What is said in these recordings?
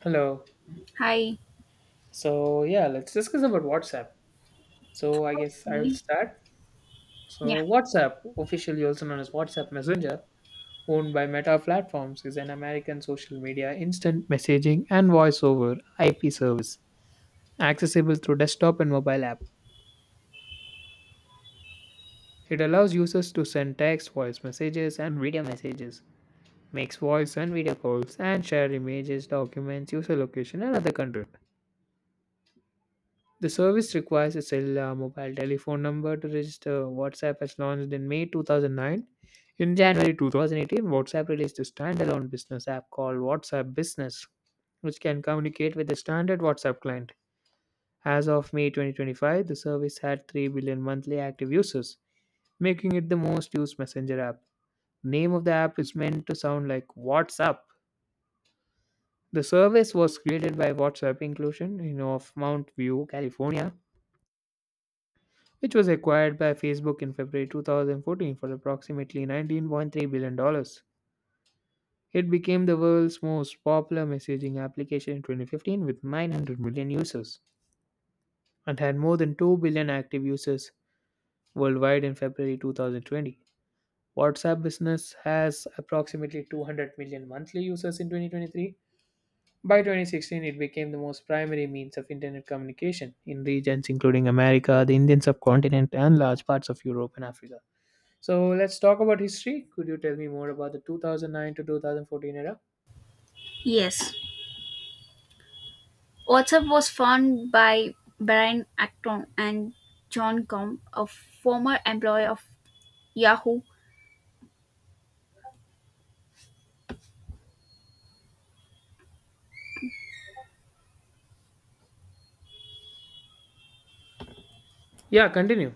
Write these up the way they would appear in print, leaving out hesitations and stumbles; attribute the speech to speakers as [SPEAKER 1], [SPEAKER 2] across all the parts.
[SPEAKER 1] Hello.
[SPEAKER 2] Hi.
[SPEAKER 1] So yeah, let's discuss about WhatsApp. So I guess I'll
[SPEAKER 2] Okay.
[SPEAKER 1] start.
[SPEAKER 2] Yeah.
[SPEAKER 1] So WhatsApp, officially also known as WhatsApp Messenger, owned by Meta Platforms, is an American social media instant messaging and voice over IP service, accessible through desktop and mobile app. It allows users to send text, voice messages, and video messages, makes voice and video calls, and share images, documents, user location, and other content. The service requires a cellular mobile telephone number to register. WhatsApp was launched in May 2009. In January 2018, WhatsApp released a standalone business app called WhatsApp Business, which can communicate with the standard WhatsApp client. As of May 2025, the service had 3 billion monthly active users, making it the most used messenger app. Name of the app is meant to sound like WhatsApp. The service was created by WhatsApp Inclusion, in of Mount View, California, which was acquired by Facebook in February 2014 for approximately $19.3 billion dollars. It became the world's most popular messaging application in 2015 with 900 million users and had more than 2 billion active users worldwide in February 2020. WhatsApp business has approximately 200 million monthly users in 2023. By 2016, it became the most primary means of internet communication in regions including America, the Indian subcontinent, and large parts of Europe and Africa. So let's talk about history. Could you tell me more about the 2009 to 2014 era?
[SPEAKER 2] Yes. WhatsApp was found by Brian Acton and John Gom, a former employee of Yahoo.
[SPEAKER 1] Yeah, continue.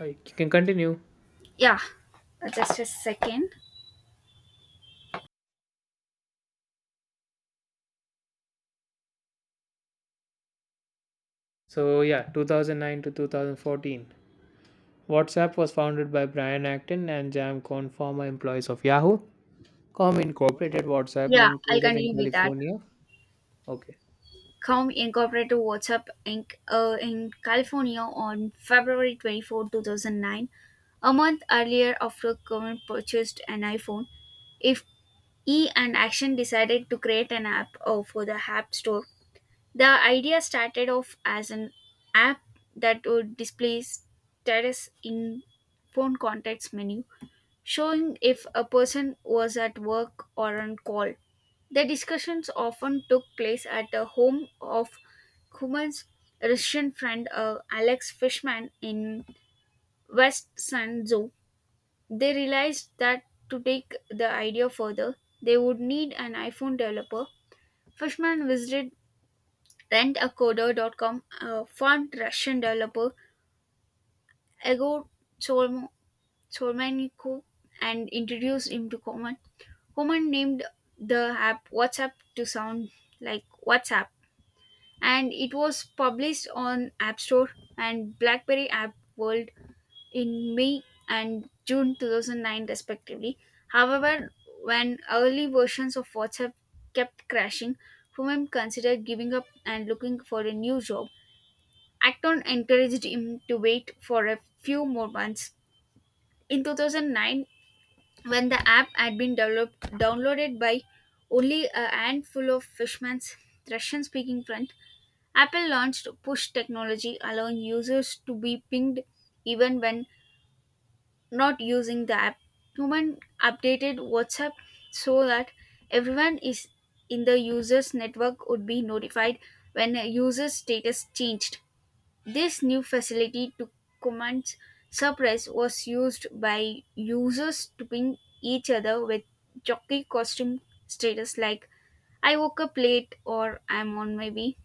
[SPEAKER 1] You can continue.
[SPEAKER 2] Yeah. Just a second.
[SPEAKER 1] So yeah, 2009 to 2014. WhatsApp was founded by Brian Acton and Jam Cohn, former employees of Yahoo. Com incorporated WhatsApp,
[SPEAKER 2] Yeah, I'll
[SPEAKER 1] located in
[SPEAKER 2] continue with that.
[SPEAKER 1] California. Okay.
[SPEAKER 2] Com incorporated WhatsApp Inc. In California on February 24, 2009, a month earlier after Cohen purchased an iPhone. If E and Action decided to create an app for the App Store, the idea started off as an app that would display status in phone contacts menu, showing if a person was at work or on call. The discussions often took place at the home of Kuman's Russian friend Alex Fishman in West Sanzhou. They realized that to take the idea further, they would need an iPhone developer. Fishman visited Rentacoder.com formed Russian developer Egor Solmo- Solmenko and introduced him to Koman. Koman named the app WhatsApp to sound like WhatsApp, and it was published on App Store and BlackBerry App World in May and June 2009, respectively. However, when early versions of WhatsApp kept crashing, Fumen considered giving up and looking for a new job. Acton encouraged him to wait for a few more months. In 2009, when the app had been developed, downloaded by only a handful of Fishman's Russian speaking friends, Apple launched push technology, allowing users to be pinged even when not using the app. Human updated WhatsApp so that everyone is in the user's network would be notified when a user's status changed. This new facility to command surprise was used by users to ping each other with jockey costume status like I woke up late or I'm on my way.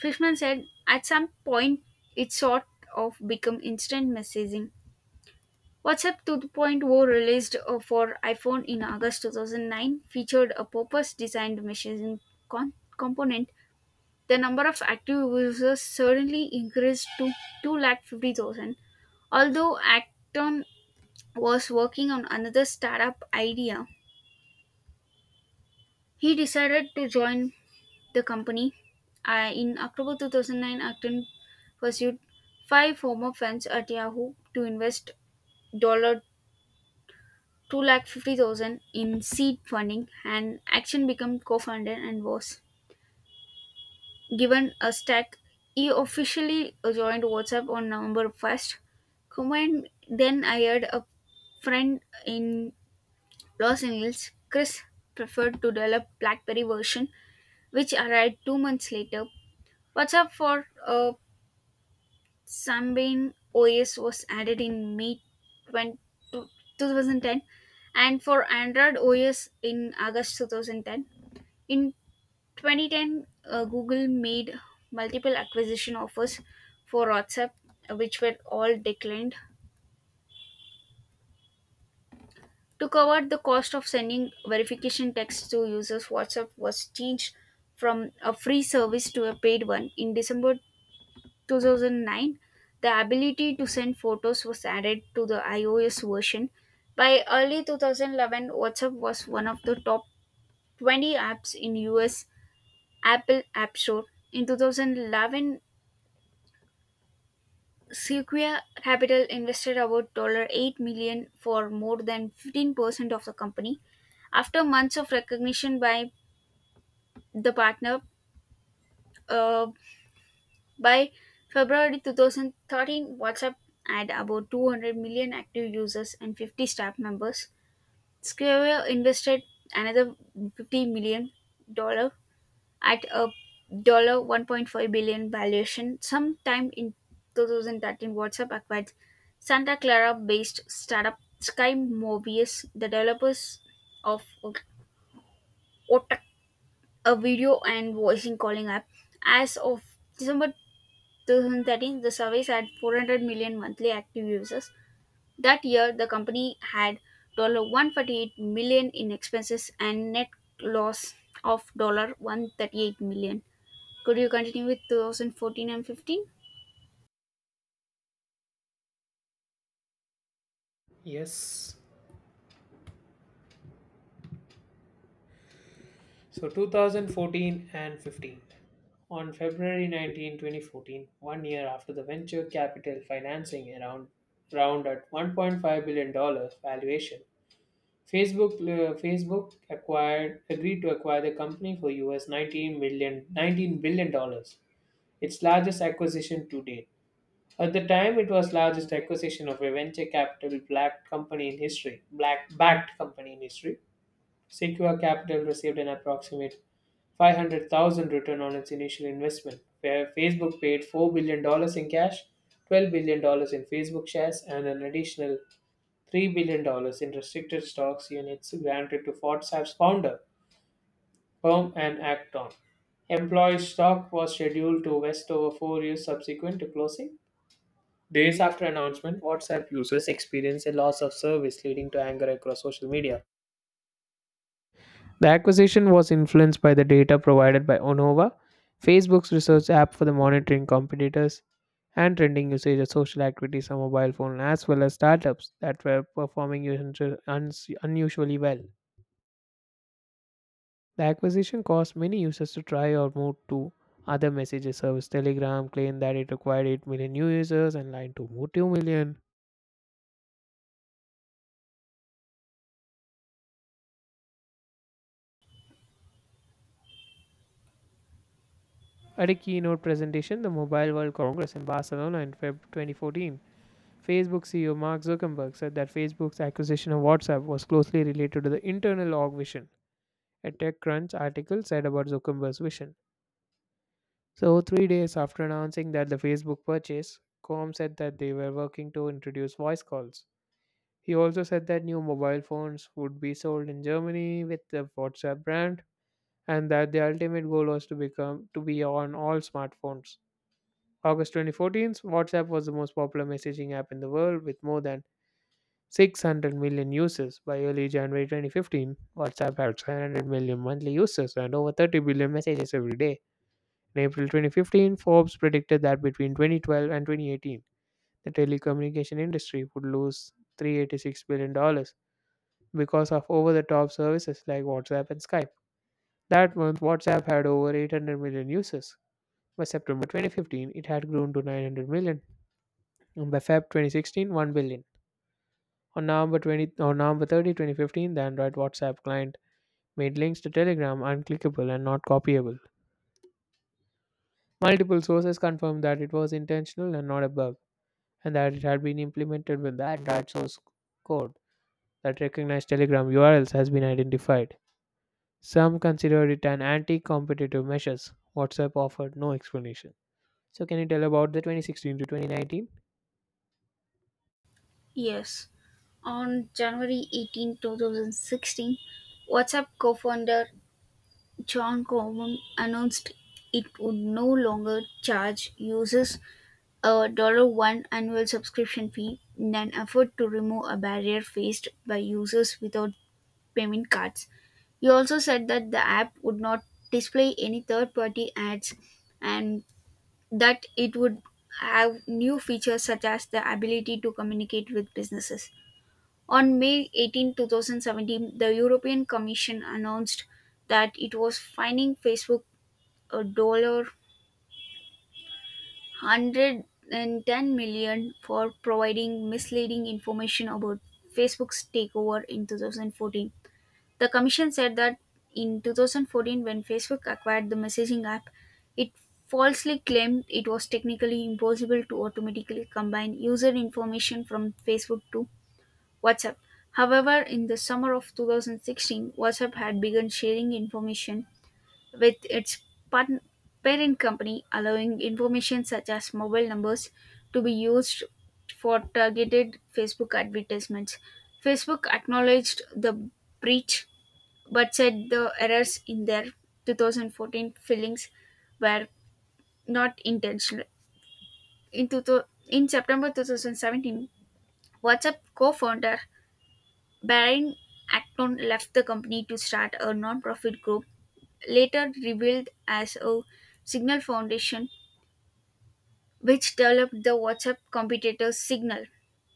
[SPEAKER 2] Fishman said at some point it sort of become instant messaging. WhatsApp 2.0 released for iPhone in August 2009 featured a purpose designed messaging component. The number of active users suddenly increased to two lakh 50,000. Although Acton was working on another startup idea, he decided to join the company. In October 2009, Acton pursued five former friends at Yahoo to invest dollar two lakh 50,000 in seed funding and Action became co-founder and was given a stack. He officially joined WhatsApp on November 1st. Kuman then hired a friend in Los Angeles, Chris preferred to develop BlackBerry version, which arrived 2 months later. WhatsApp for Sambin OS was added in May 20, 2010 and for Android OS in August 2010. In 2010, Google made multiple acquisition offers for WhatsApp, which were all declined. To cover the cost of sending verification texts to users, WhatsApp was changed from a free service to a paid one. In December 2009, the ability to send photos was added to the iOS version. By early 2011, WhatsApp was one of the top 20 apps in US Apple App Store. In 2011, Sequoia Capital invested about $8 million dollars for more than 15% of the company. After months of recognition by the partner, uh, by February 2013, WhatsApp had about 200 million active users and 50 staff members. Sequoia invested another $50 million dollars at a dollar 1.5 billion valuation. Sometime in 2013, WhatsApp acquired Santa Clara-based startup Sky Mobius, the developers of Otak, a video and voicing calling app. As of December 2013, the service had 400 million monthly active users. That year, the company had $148 in expenses and net loss of $138. Could you continue with 2014 and 15?
[SPEAKER 1] Yes. So 2014 and 15. On February 19, 2014, year after the venture capital financing around round at 1.5 billion dollars valuation, Facebook Facebook acquired agreed to acquire the company for US million nineteen billion dollars, its largest acquisition to date. At the time, it was largest acquisition of a venture capital black backed company in history. Sequoia Capital received an approximate 500,000 return on its initial investment, where Facebook paid $4 billion dollars in cash, $12 billion dollars in Facebook shares, and an additional $3 billion dollars in restricted stocks units granted to WhatsApp's founder, Herm and Acton. Employee stock was scheduled to vest over 4 years subsequent to closing. Days after announcement, WhatsApp users experienced a loss of service leading to anger across social media. The acquisition was influenced by the data provided by ANOVA, Facebook's research app for the monitoring competitors and trending usage of social activities on mobile phone, as well as startups that were performing unusually well. The acquisition caused many users to try or move to other messaging service. Telegram claimed that it acquired 8 million new users and Line to move 2 million. At a keynote presentation, the Mobile World Congress in Barcelona in Feb 2014, Facebook CEO Mark Zuckerberg said that Facebook's acquisition of WhatsApp was closely related to the internal org vision, a TechCrunch article said about Zuckerberg's vision. So, 3 days after announcing that the Facebook purchase, Com said that they were working to introduce voice calls. He also said that new mobile phones would be sold in Germany with the WhatsApp brand and that the ultimate goal was to become to be on all smartphones. August 2014, WhatsApp was the most popular messaging app in the world with more than 600 million users. By early January 2015, WhatsApp had 700 million monthly users and over 30 billion messages every day. In April 2015, Forbes predicted that between 2012 and 2018, the telecommunication industry would lose $386 billion dollars because of over the top services like WhatsApp and Skype. That month, WhatsApp had over 800 million users. By September 2015, it had grown to 900 million, and by Feb 2016, 1 billion. On November 30, 2015, the Android WhatsApp client made links to Telegram unclickable and not copyable. Multiple sources confirmed that it was intentional and not a bug, and that it had been implemented with the Android source code that recognized Telegram URLs has been identified. Some considered it an anti-competitive measure. WhatsApp offered no explanation. So, can you tell about the 2016 to 2019?
[SPEAKER 2] Yes. On January 18, 2016, WhatsApp co founder John Coleman announced it would no longer charge users a $1 annual subscription fee in an effort to remove a barrier faced by users without payment cards. He also said that the app would not display any third party ads and that it would have new features such as the ability to communicate with businesses. On May 18, 2017, the European Commission announced that it was fining Facebook a dollar 110 million for providing misleading information about Facebook's takeover in 2014. The commission said that in 2014, when Facebook acquired the messaging app, it falsely claimed it was technically impossible to automatically combine user information from Facebook to WhatsApp. However, in the summer of 2016, WhatsApp had begun sharing information with its partn- parent company, allowing information such as mobile numbers to be used for targeted Facebook advertisements. Facebook acknowledged the breach but said the errors in their 2014 fillings were not intentional. In September 2017, WhatsApp co founder Baron Acton left the company to start a non profit group, later revealed as a Signal Foundation which developed the WhatsApp competitor Signal.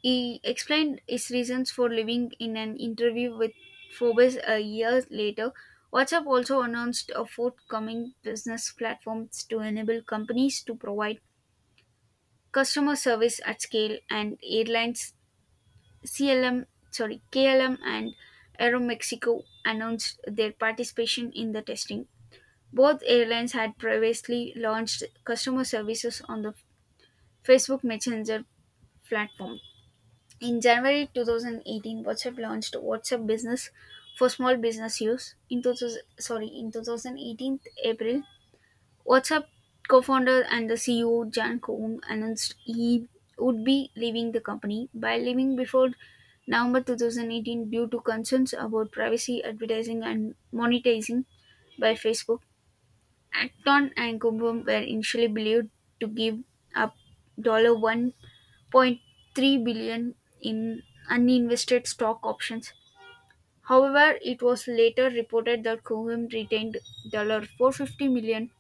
[SPEAKER 2] He explained his reasons for leaving in an interview with Forbes a year later. WhatsApp also announced a forthcoming business platforms to enable companies to provide customer service at scale and airlines CLM sorry KLM and Aeromexico announced their participation in the testing. Both airlines had previously launched customer services on the Facebook Messenger platform. In January 2018, WhatsApp launched WhatsApp Business for small business use. In 2018 April, WhatsApp co-founder and the CEO Jan Koum announced he would be leaving the company by leaving before November 2018 due to concerns about privacy, advertising, and monetizing by Facebook. Acton and Kumbum were initially believed to give up $1 point 0.3 billion in uninvested stock options. However, it was later reported that Cohen retained $450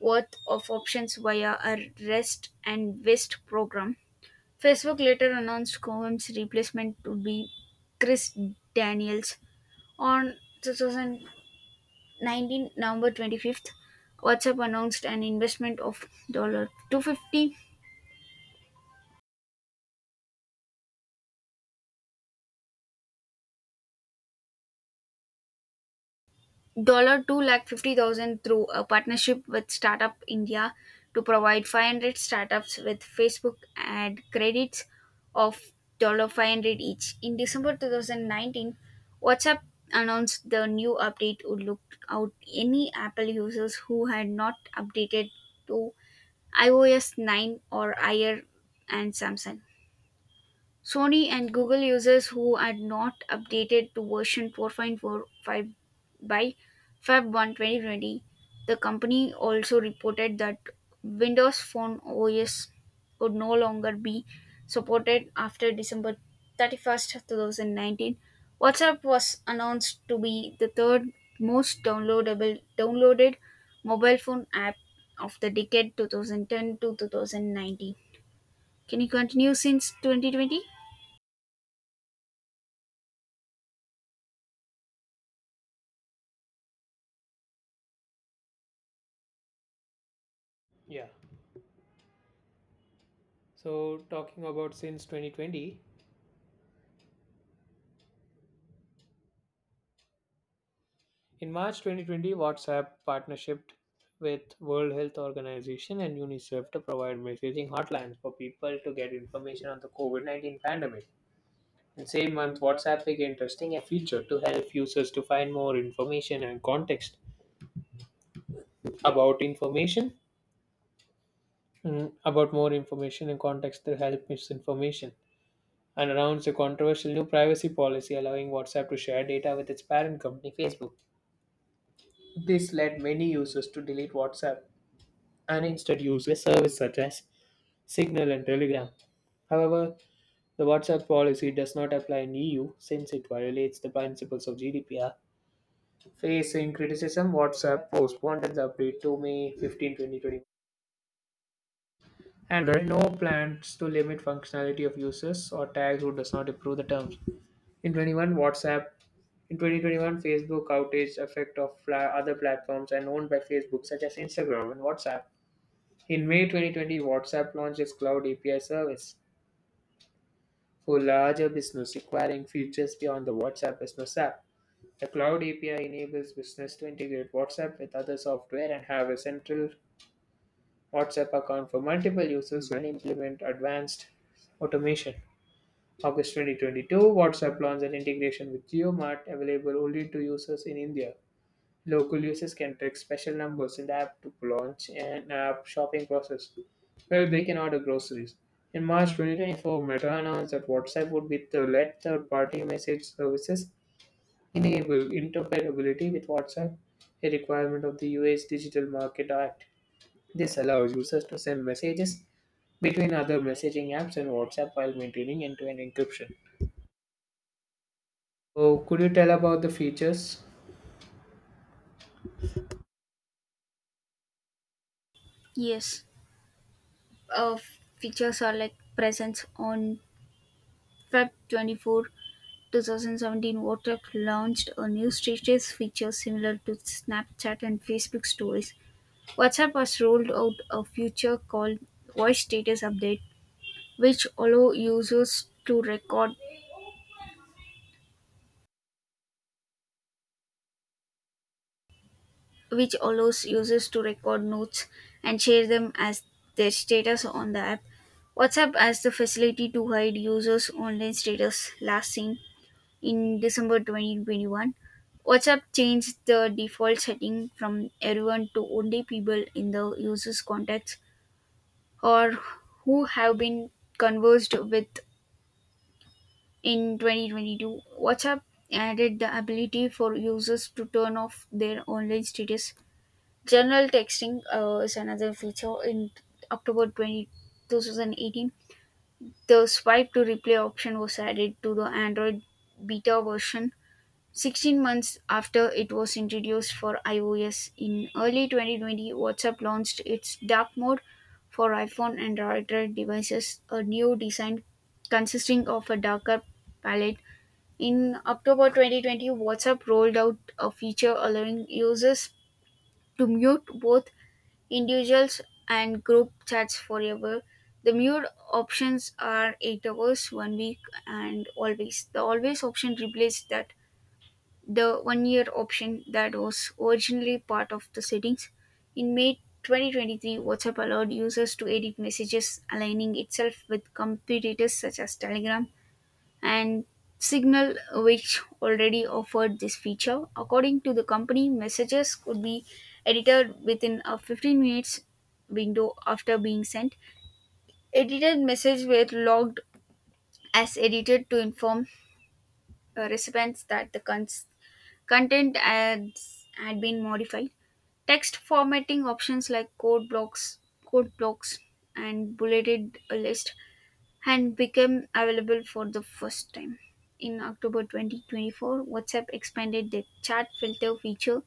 [SPEAKER 2] worth of options via a rest and vest program. Facebook later announced Cohen's replacement to be Chris Daniels. On 2019 November 25th, WhatsApp announced an investment of $250 two lakh 50,000 through a partnership with Startup India to provide 500 startups with Facebook ad credits of dollar 500 each. In December 2019, WhatsApp announced the new update would look out any Apple users who had not updated to iOS 9 or higher and Samsung. Sony and Google users who had not updated to version 4.45 by February 1, 2020. The company also reported that Windows Phone OS would no longer be supported after December 31st, 2019. WhatsApp was announced to be the third most downloadable downloaded mobile phone app of the decade 2010 to 2019. Can you continue since 2020?
[SPEAKER 1] Yeah. So, talking about since 2020, in March 2020, WhatsApp partnership with World Health Organization and UNICEF to provide messaging hotlines for people to get information on the COVID-19 pandemic. In same month, WhatsApp began testing a feature to help users to find more information and context about information, about more information and context to help misinformation, and announced a controversial new privacy policy allowing WhatsApp to share data with its parent company, Facebook. This led many users to delete WhatsApp and instead use a service such as Signal and Telegram. However, the WhatsApp policy does not apply in EU since it violates the principles of GDPR. Facing criticism, WhatsApp postponed the update to May 15, 2020. And there are no plans to limit functionality of users or tags who does not approve the terms. WhatsApp in 2021, Facebook outage effect of other platforms and owned by Facebook such as Instagram and WhatsApp. In May 2020, WhatsApp launched its Cloud API service for larger business requiring features beyond the WhatsApp Business app. The Cloud API enables business to integrate WhatsApp with other software and have a central WhatsApp account for multiple users and implement advanced automation. August 2022, WhatsApp launched an integration with GeoMart available only to users in India. Local users can track special numbers in the app to launch an app shopping process where they can order groceries. In March 2024, Meta announced that WhatsApp would be to let third party message services enable interoperability with WhatsApp, a requirement of the US Digital Market Act. This allows users to send messages between other messaging apps and WhatsApp while maintaining end to end encryption. So, could you tell about the features?
[SPEAKER 2] Yes, uh, features are like presents on February 24, 2017. WhatsApp launched a new status feature similar to Snapchat and Facebook Stories. WhatsApp has rolled out a feature called Voice Status Update, which allow users to record, which allows users to record notes and share them as their status on the app. WhatsApp has the facility to hide users' online status last seen. In December 2021, WhatsApp changed the default setting from everyone to only people in the user's contacts or who have been conversed with. In 2022, WhatsApp added the ability for users to turn off their online status. General texting is another feature. In October 20, 2018, the swipe to replay option was added to the Android beta version 16 months after it was introduced for iOS. In early 2020, WhatsApp launched its dark mode for iPhone and Android devices, a new design consisting of a darker palette. In October 2020, WhatsApp rolled out a feature allowing users to mute both individuals and group chats forever. The mute options are 8 hours, 1 week, and always. The always option replaced that the one-year option that was originally part of the settings. In May 2023, WhatsApp allowed users to edit messages, aligning itself with competitors such as Telegram and Signal, which already offered this feature. According to the company, messages could be edited within a 15 minutes window after being sent. Edited messages were logged as edited to inform recipients that the content ads had been modified. Text formatting options like code blocks, and bulleted list had become available for the first time. In October 2024, WhatsApp expanded the chat filter feature,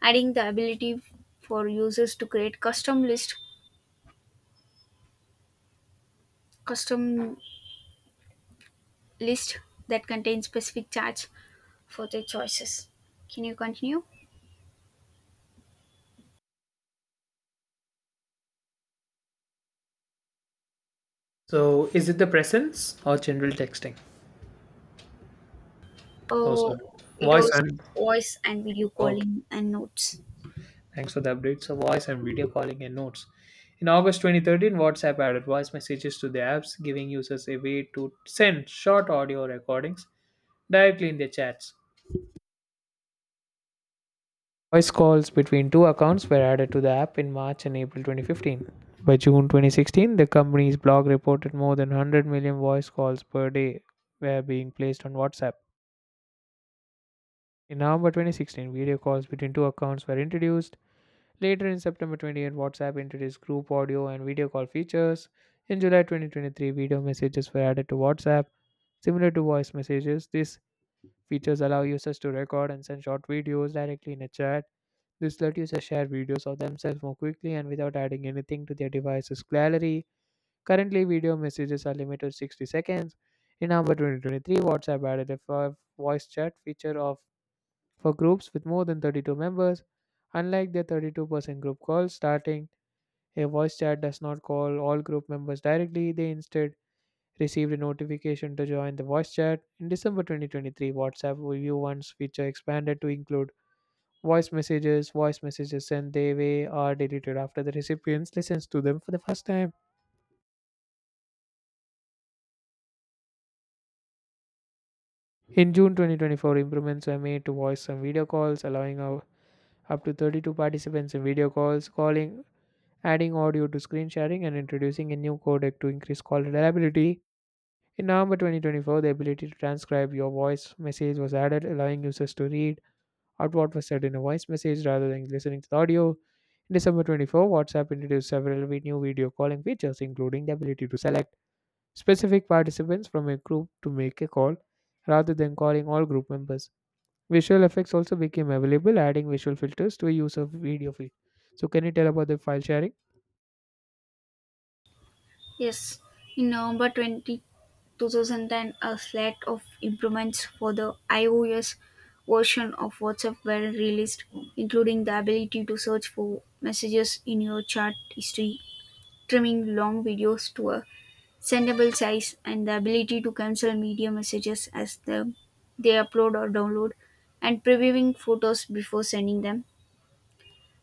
[SPEAKER 2] adding the ability for users to create custom list that contains specific chats for their choices. Can you continue?
[SPEAKER 1] So, is it the presence or general texting? Also,
[SPEAKER 2] Oh, it
[SPEAKER 1] voice
[SPEAKER 2] was
[SPEAKER 1] and
[SPEAKER 2] voice and video
[SPEAKER 1] okay.
[SPEAKER 2] calling and notes.
[SPEAKER 1] Thanks for the update. So, voice and video calling and notes. In August 2013, WhatsApp added voice messages to the apps, giving users a way to send short audio recordings directly in their chats. Voice calls between two accounts were added to the app in March and April 2015. By June 2016, the company's blog reported more than 100 million voice calls per day were being placed on WhatsApp. In November 2016, video calls between two accounts were introduced. Later in September 28, WhatsApp introduced group audio and video call features. In July 2023, video messages were added to WhatsApp. Similar to voice messages, these features allow users to record and send short videos directly in a chat. This lets users share videos of themselves more quickly and without adding anything to their device's gallery. Currently, video messages are limited to 60 seconds. In November 2023, WhatsApp added a voice chat feature of for groups with more than 32 members. Unlike their 32% group calls starting, a voice chat does not call all group members directly, they instead received a notification to join the voice chat. In December 2023, WhatsApp View 1's feature expanded to include voice messages. Voice messages sent their way are deleted after the recipients listens to them for the first time. In June 2024, improvements were made to voice and video calls, allowing up to 32 participants in video calls, calling, adding audio to screen sharing, and introducing a new codec to increase call reliability. In November 2024, the ability to transcribe your voice message was added, allowing users to read out what was said in a voice message rather than listening to the audio. In December 24, WhatsApp introduced several new video calling features, including the ability to select specific participants from a group to make a call rather than calling all group members. Visual effects also became available, adding visual filters to a user video feed. So, can you tell about the file sharing?
[SPEAKER 2] Yes, in November 20, 2010, a slate of improvements for the iOS version of WhatsApp were released, including the ability to search for messages in your chat history, trimming long videos to a sendable size, and the ability to cancel media messages as they upload or download, and previewing photos before sending them.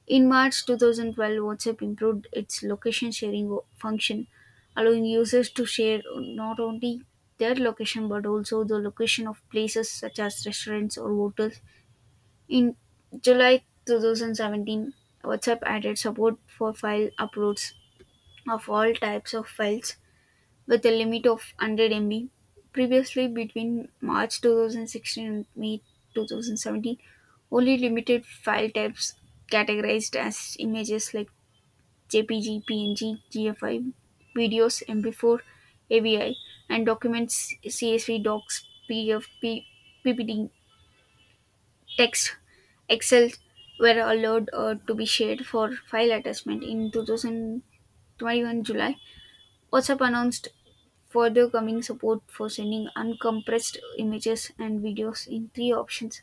[SPEAKER 2] In March 2012, WhatsApp improved its location sharing function, allowing users to share not only their location but also the location of places such as restaurants or hotels. In July 2017, WhatsApp added support for file uploads of all types of files with a limit of 100 MB. Previously, between March 2016 and May 2017, only limited file types categorized as images like JPG, PNG, GFI, videos, MP4, AVI, and documents, CSV, docs, PDF, PPT, text, Excel were allowed to be shared for file attachment in 2021 July. WhatsApp announced further coming support for sending uncompressed images and videos in three options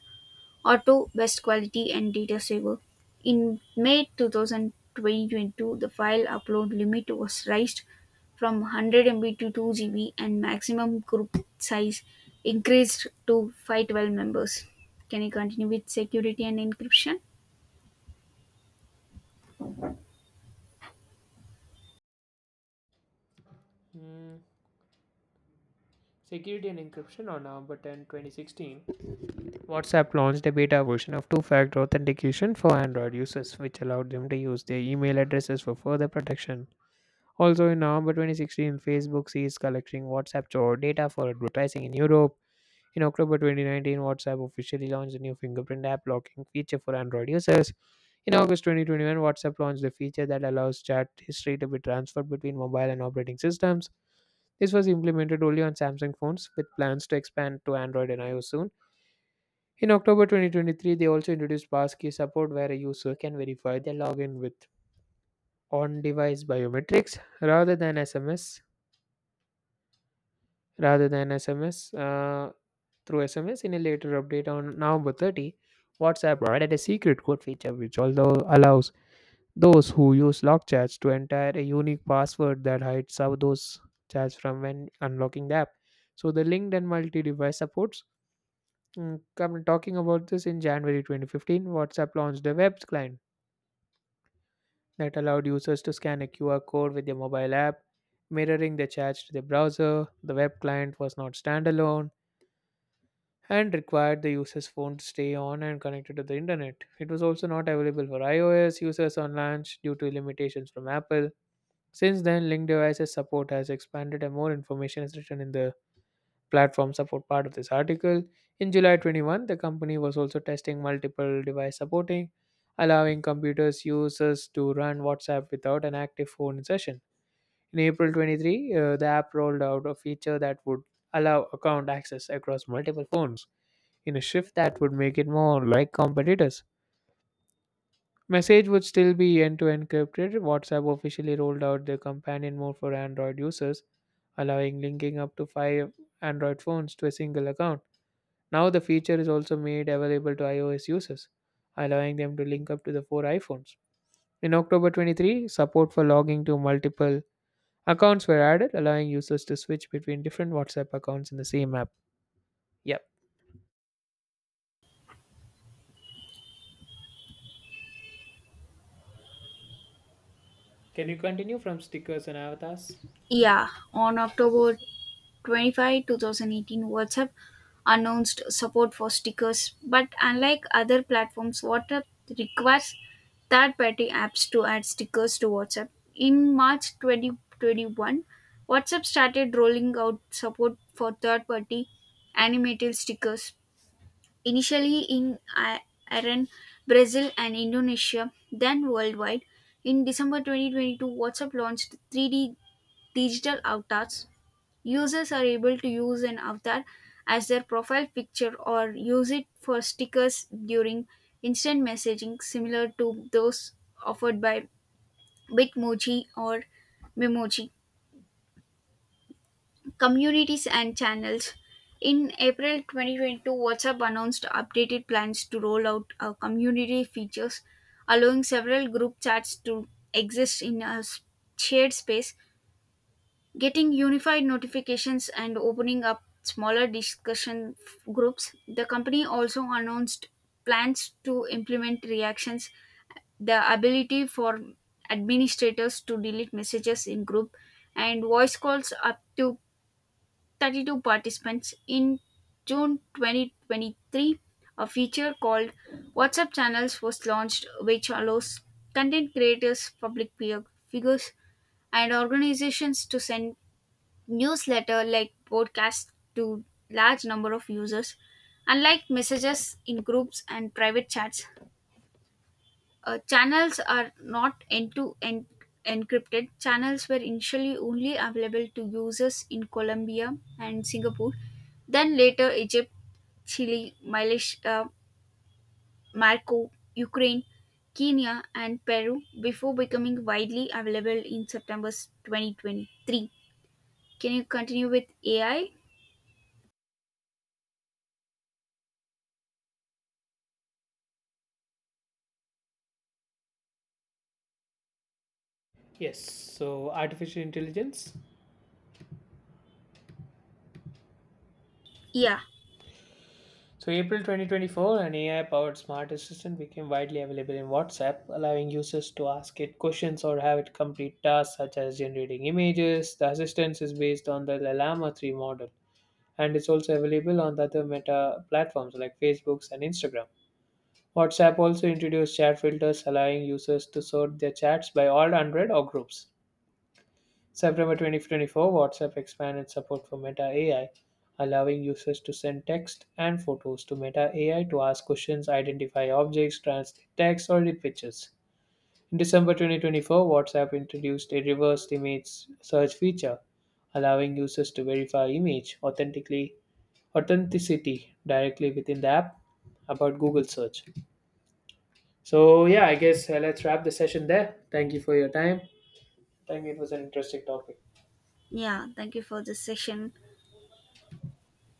[SPEAKER 2] Auto Best Quality and Data Saver. In May 2022, the file upload limit was raised from 100 MB to 2 GB and maximum group size increased to 512 members. Can you continue with security and encryption?
[SPEAKER 1] Mm, security and encryption on November 10, 2016. WhatsApp launched a beta version of 2 factor authentication for Android users, which allowed them to use their email addresses for further protection. Also, in November 2016, Facebook ceased collecting WhatsApp store data for advertising in Europe. In October 2019, WhatsApp officially launched a new fingerprint app locking feature for Android users. In August 2021, WhatsApp launched a feature that allows chat history to be transferred between mobile and operating systems. This was implemented only on Samsung phones, with plans to expand to Android and iOS soon. In October 2023, they also introduced passkey support where a user can verify their login with on-device biometrics rather than SMS, through SMS. In a later update on November 30, WhatsApp provided a secret code feature which although allows those who use lock chats to enter a unique password that hides how those chats from when unlocking the app. So the linked and multi-device supports. Mm, come talking about this in January 2015, WhatsApp launched a web client that allowed users to scan a QR code with their mobile app, mirroring the chats to the browser. The web client was not standalone and required the user's phone to stay on and connected to the internet. It was also not available for iOS users on launch due to limitations from Apple. Since then, Link devices support has expanded and more information is written in the platform for part of this article. In July 21, the company was also testing multiple device supporting, allowing computers users to run WhatsApp without an active phone session. In April 23, the app rolled out a feature that would allow account access across multiple phones in a shift that would make it more like competitors. Message would still be end to end encrypted. WhatsApp officially rolled out the companion mode for Android users, allowing linking up to 5 Android phones to a single account. Now the feature is also made available to iOS users, allowing them to link up to the 4 iPhones. In October 23, support for logging to multiple accounts were added, allowing users to switch between different WhatsApp accounts in the same app. Yep. Can you continue from stickers and avatars?
[SPEAKER 2] Yeah, on October 25, 2018, WhatsApp announced support for stickers, but unlike other platforms, WhatsApp requires third party apps to add stickers to WhatsApp. In March 2021, WhatsApp started rolling out support for third party animated stickers, initially in Iran, Brazil, and Indonesia, then worldwide. In December 2022, WhatsApp launched 3D digital avatars. Users are able to use an avatar as their profile picture or use it for stickers during instant messaging, similar to those offered by Bitmoji or Memoji. Communities and channels. In April 2022, WhatsApp announced updated plans to roll out community features, allowing several group chats to exist in a shared space, getting unified notifications and opening up smaller discussion groups. The company also announced plans to implement reactions, the ability for administrators to delete messages in group, and voice calls up to 32 participants. In June 2023, a feature called WhatsApp Channels was launched, which allows content creators, public peer figures, and organizations to send newsletter like broadcast to large number of users. Unlike messages in groups and private chats, channels are not end-to-end encrypted. Channels were initially only available to users in Colombia and Singapore, then later Egypt, Chile, Malaysia, Marco, Ukraine, Kenya, and Peru before becoming widely available in September 2023. Can you continue with AI?
[SPEAKER 1] Yes. So, artificial intelligence.
[SPEAKER 2] Yeah.
[SPEAKER 1] So, April 2024, an AI powered smart assistant became widely available in WhatsApp, allowing users to ask it questions or have it complete tasks such as generating images. The assistant is based on the Llama 3 model and it's also available on the other meta platforms like Facebook and Instagram. WhatsApp also introduced chat filters, allowing users to sort their chats by all 100 or groups. September 2024, WhatsApp expanded support for Meta AI, allowing users to send text and photos to Meta AI to ask questions, identify objects, translate text, or edit pictures. In December 2024, WhatsApp introduced a reversed image search feature, allowing users to verify image authentically authenticity directly within the app about Google search. So yeah, I guess let's wrap the session there. Thank you for your time. Thank you. It was an interesting topic.
[SPEAKER 2] Yeah, thank you for this session.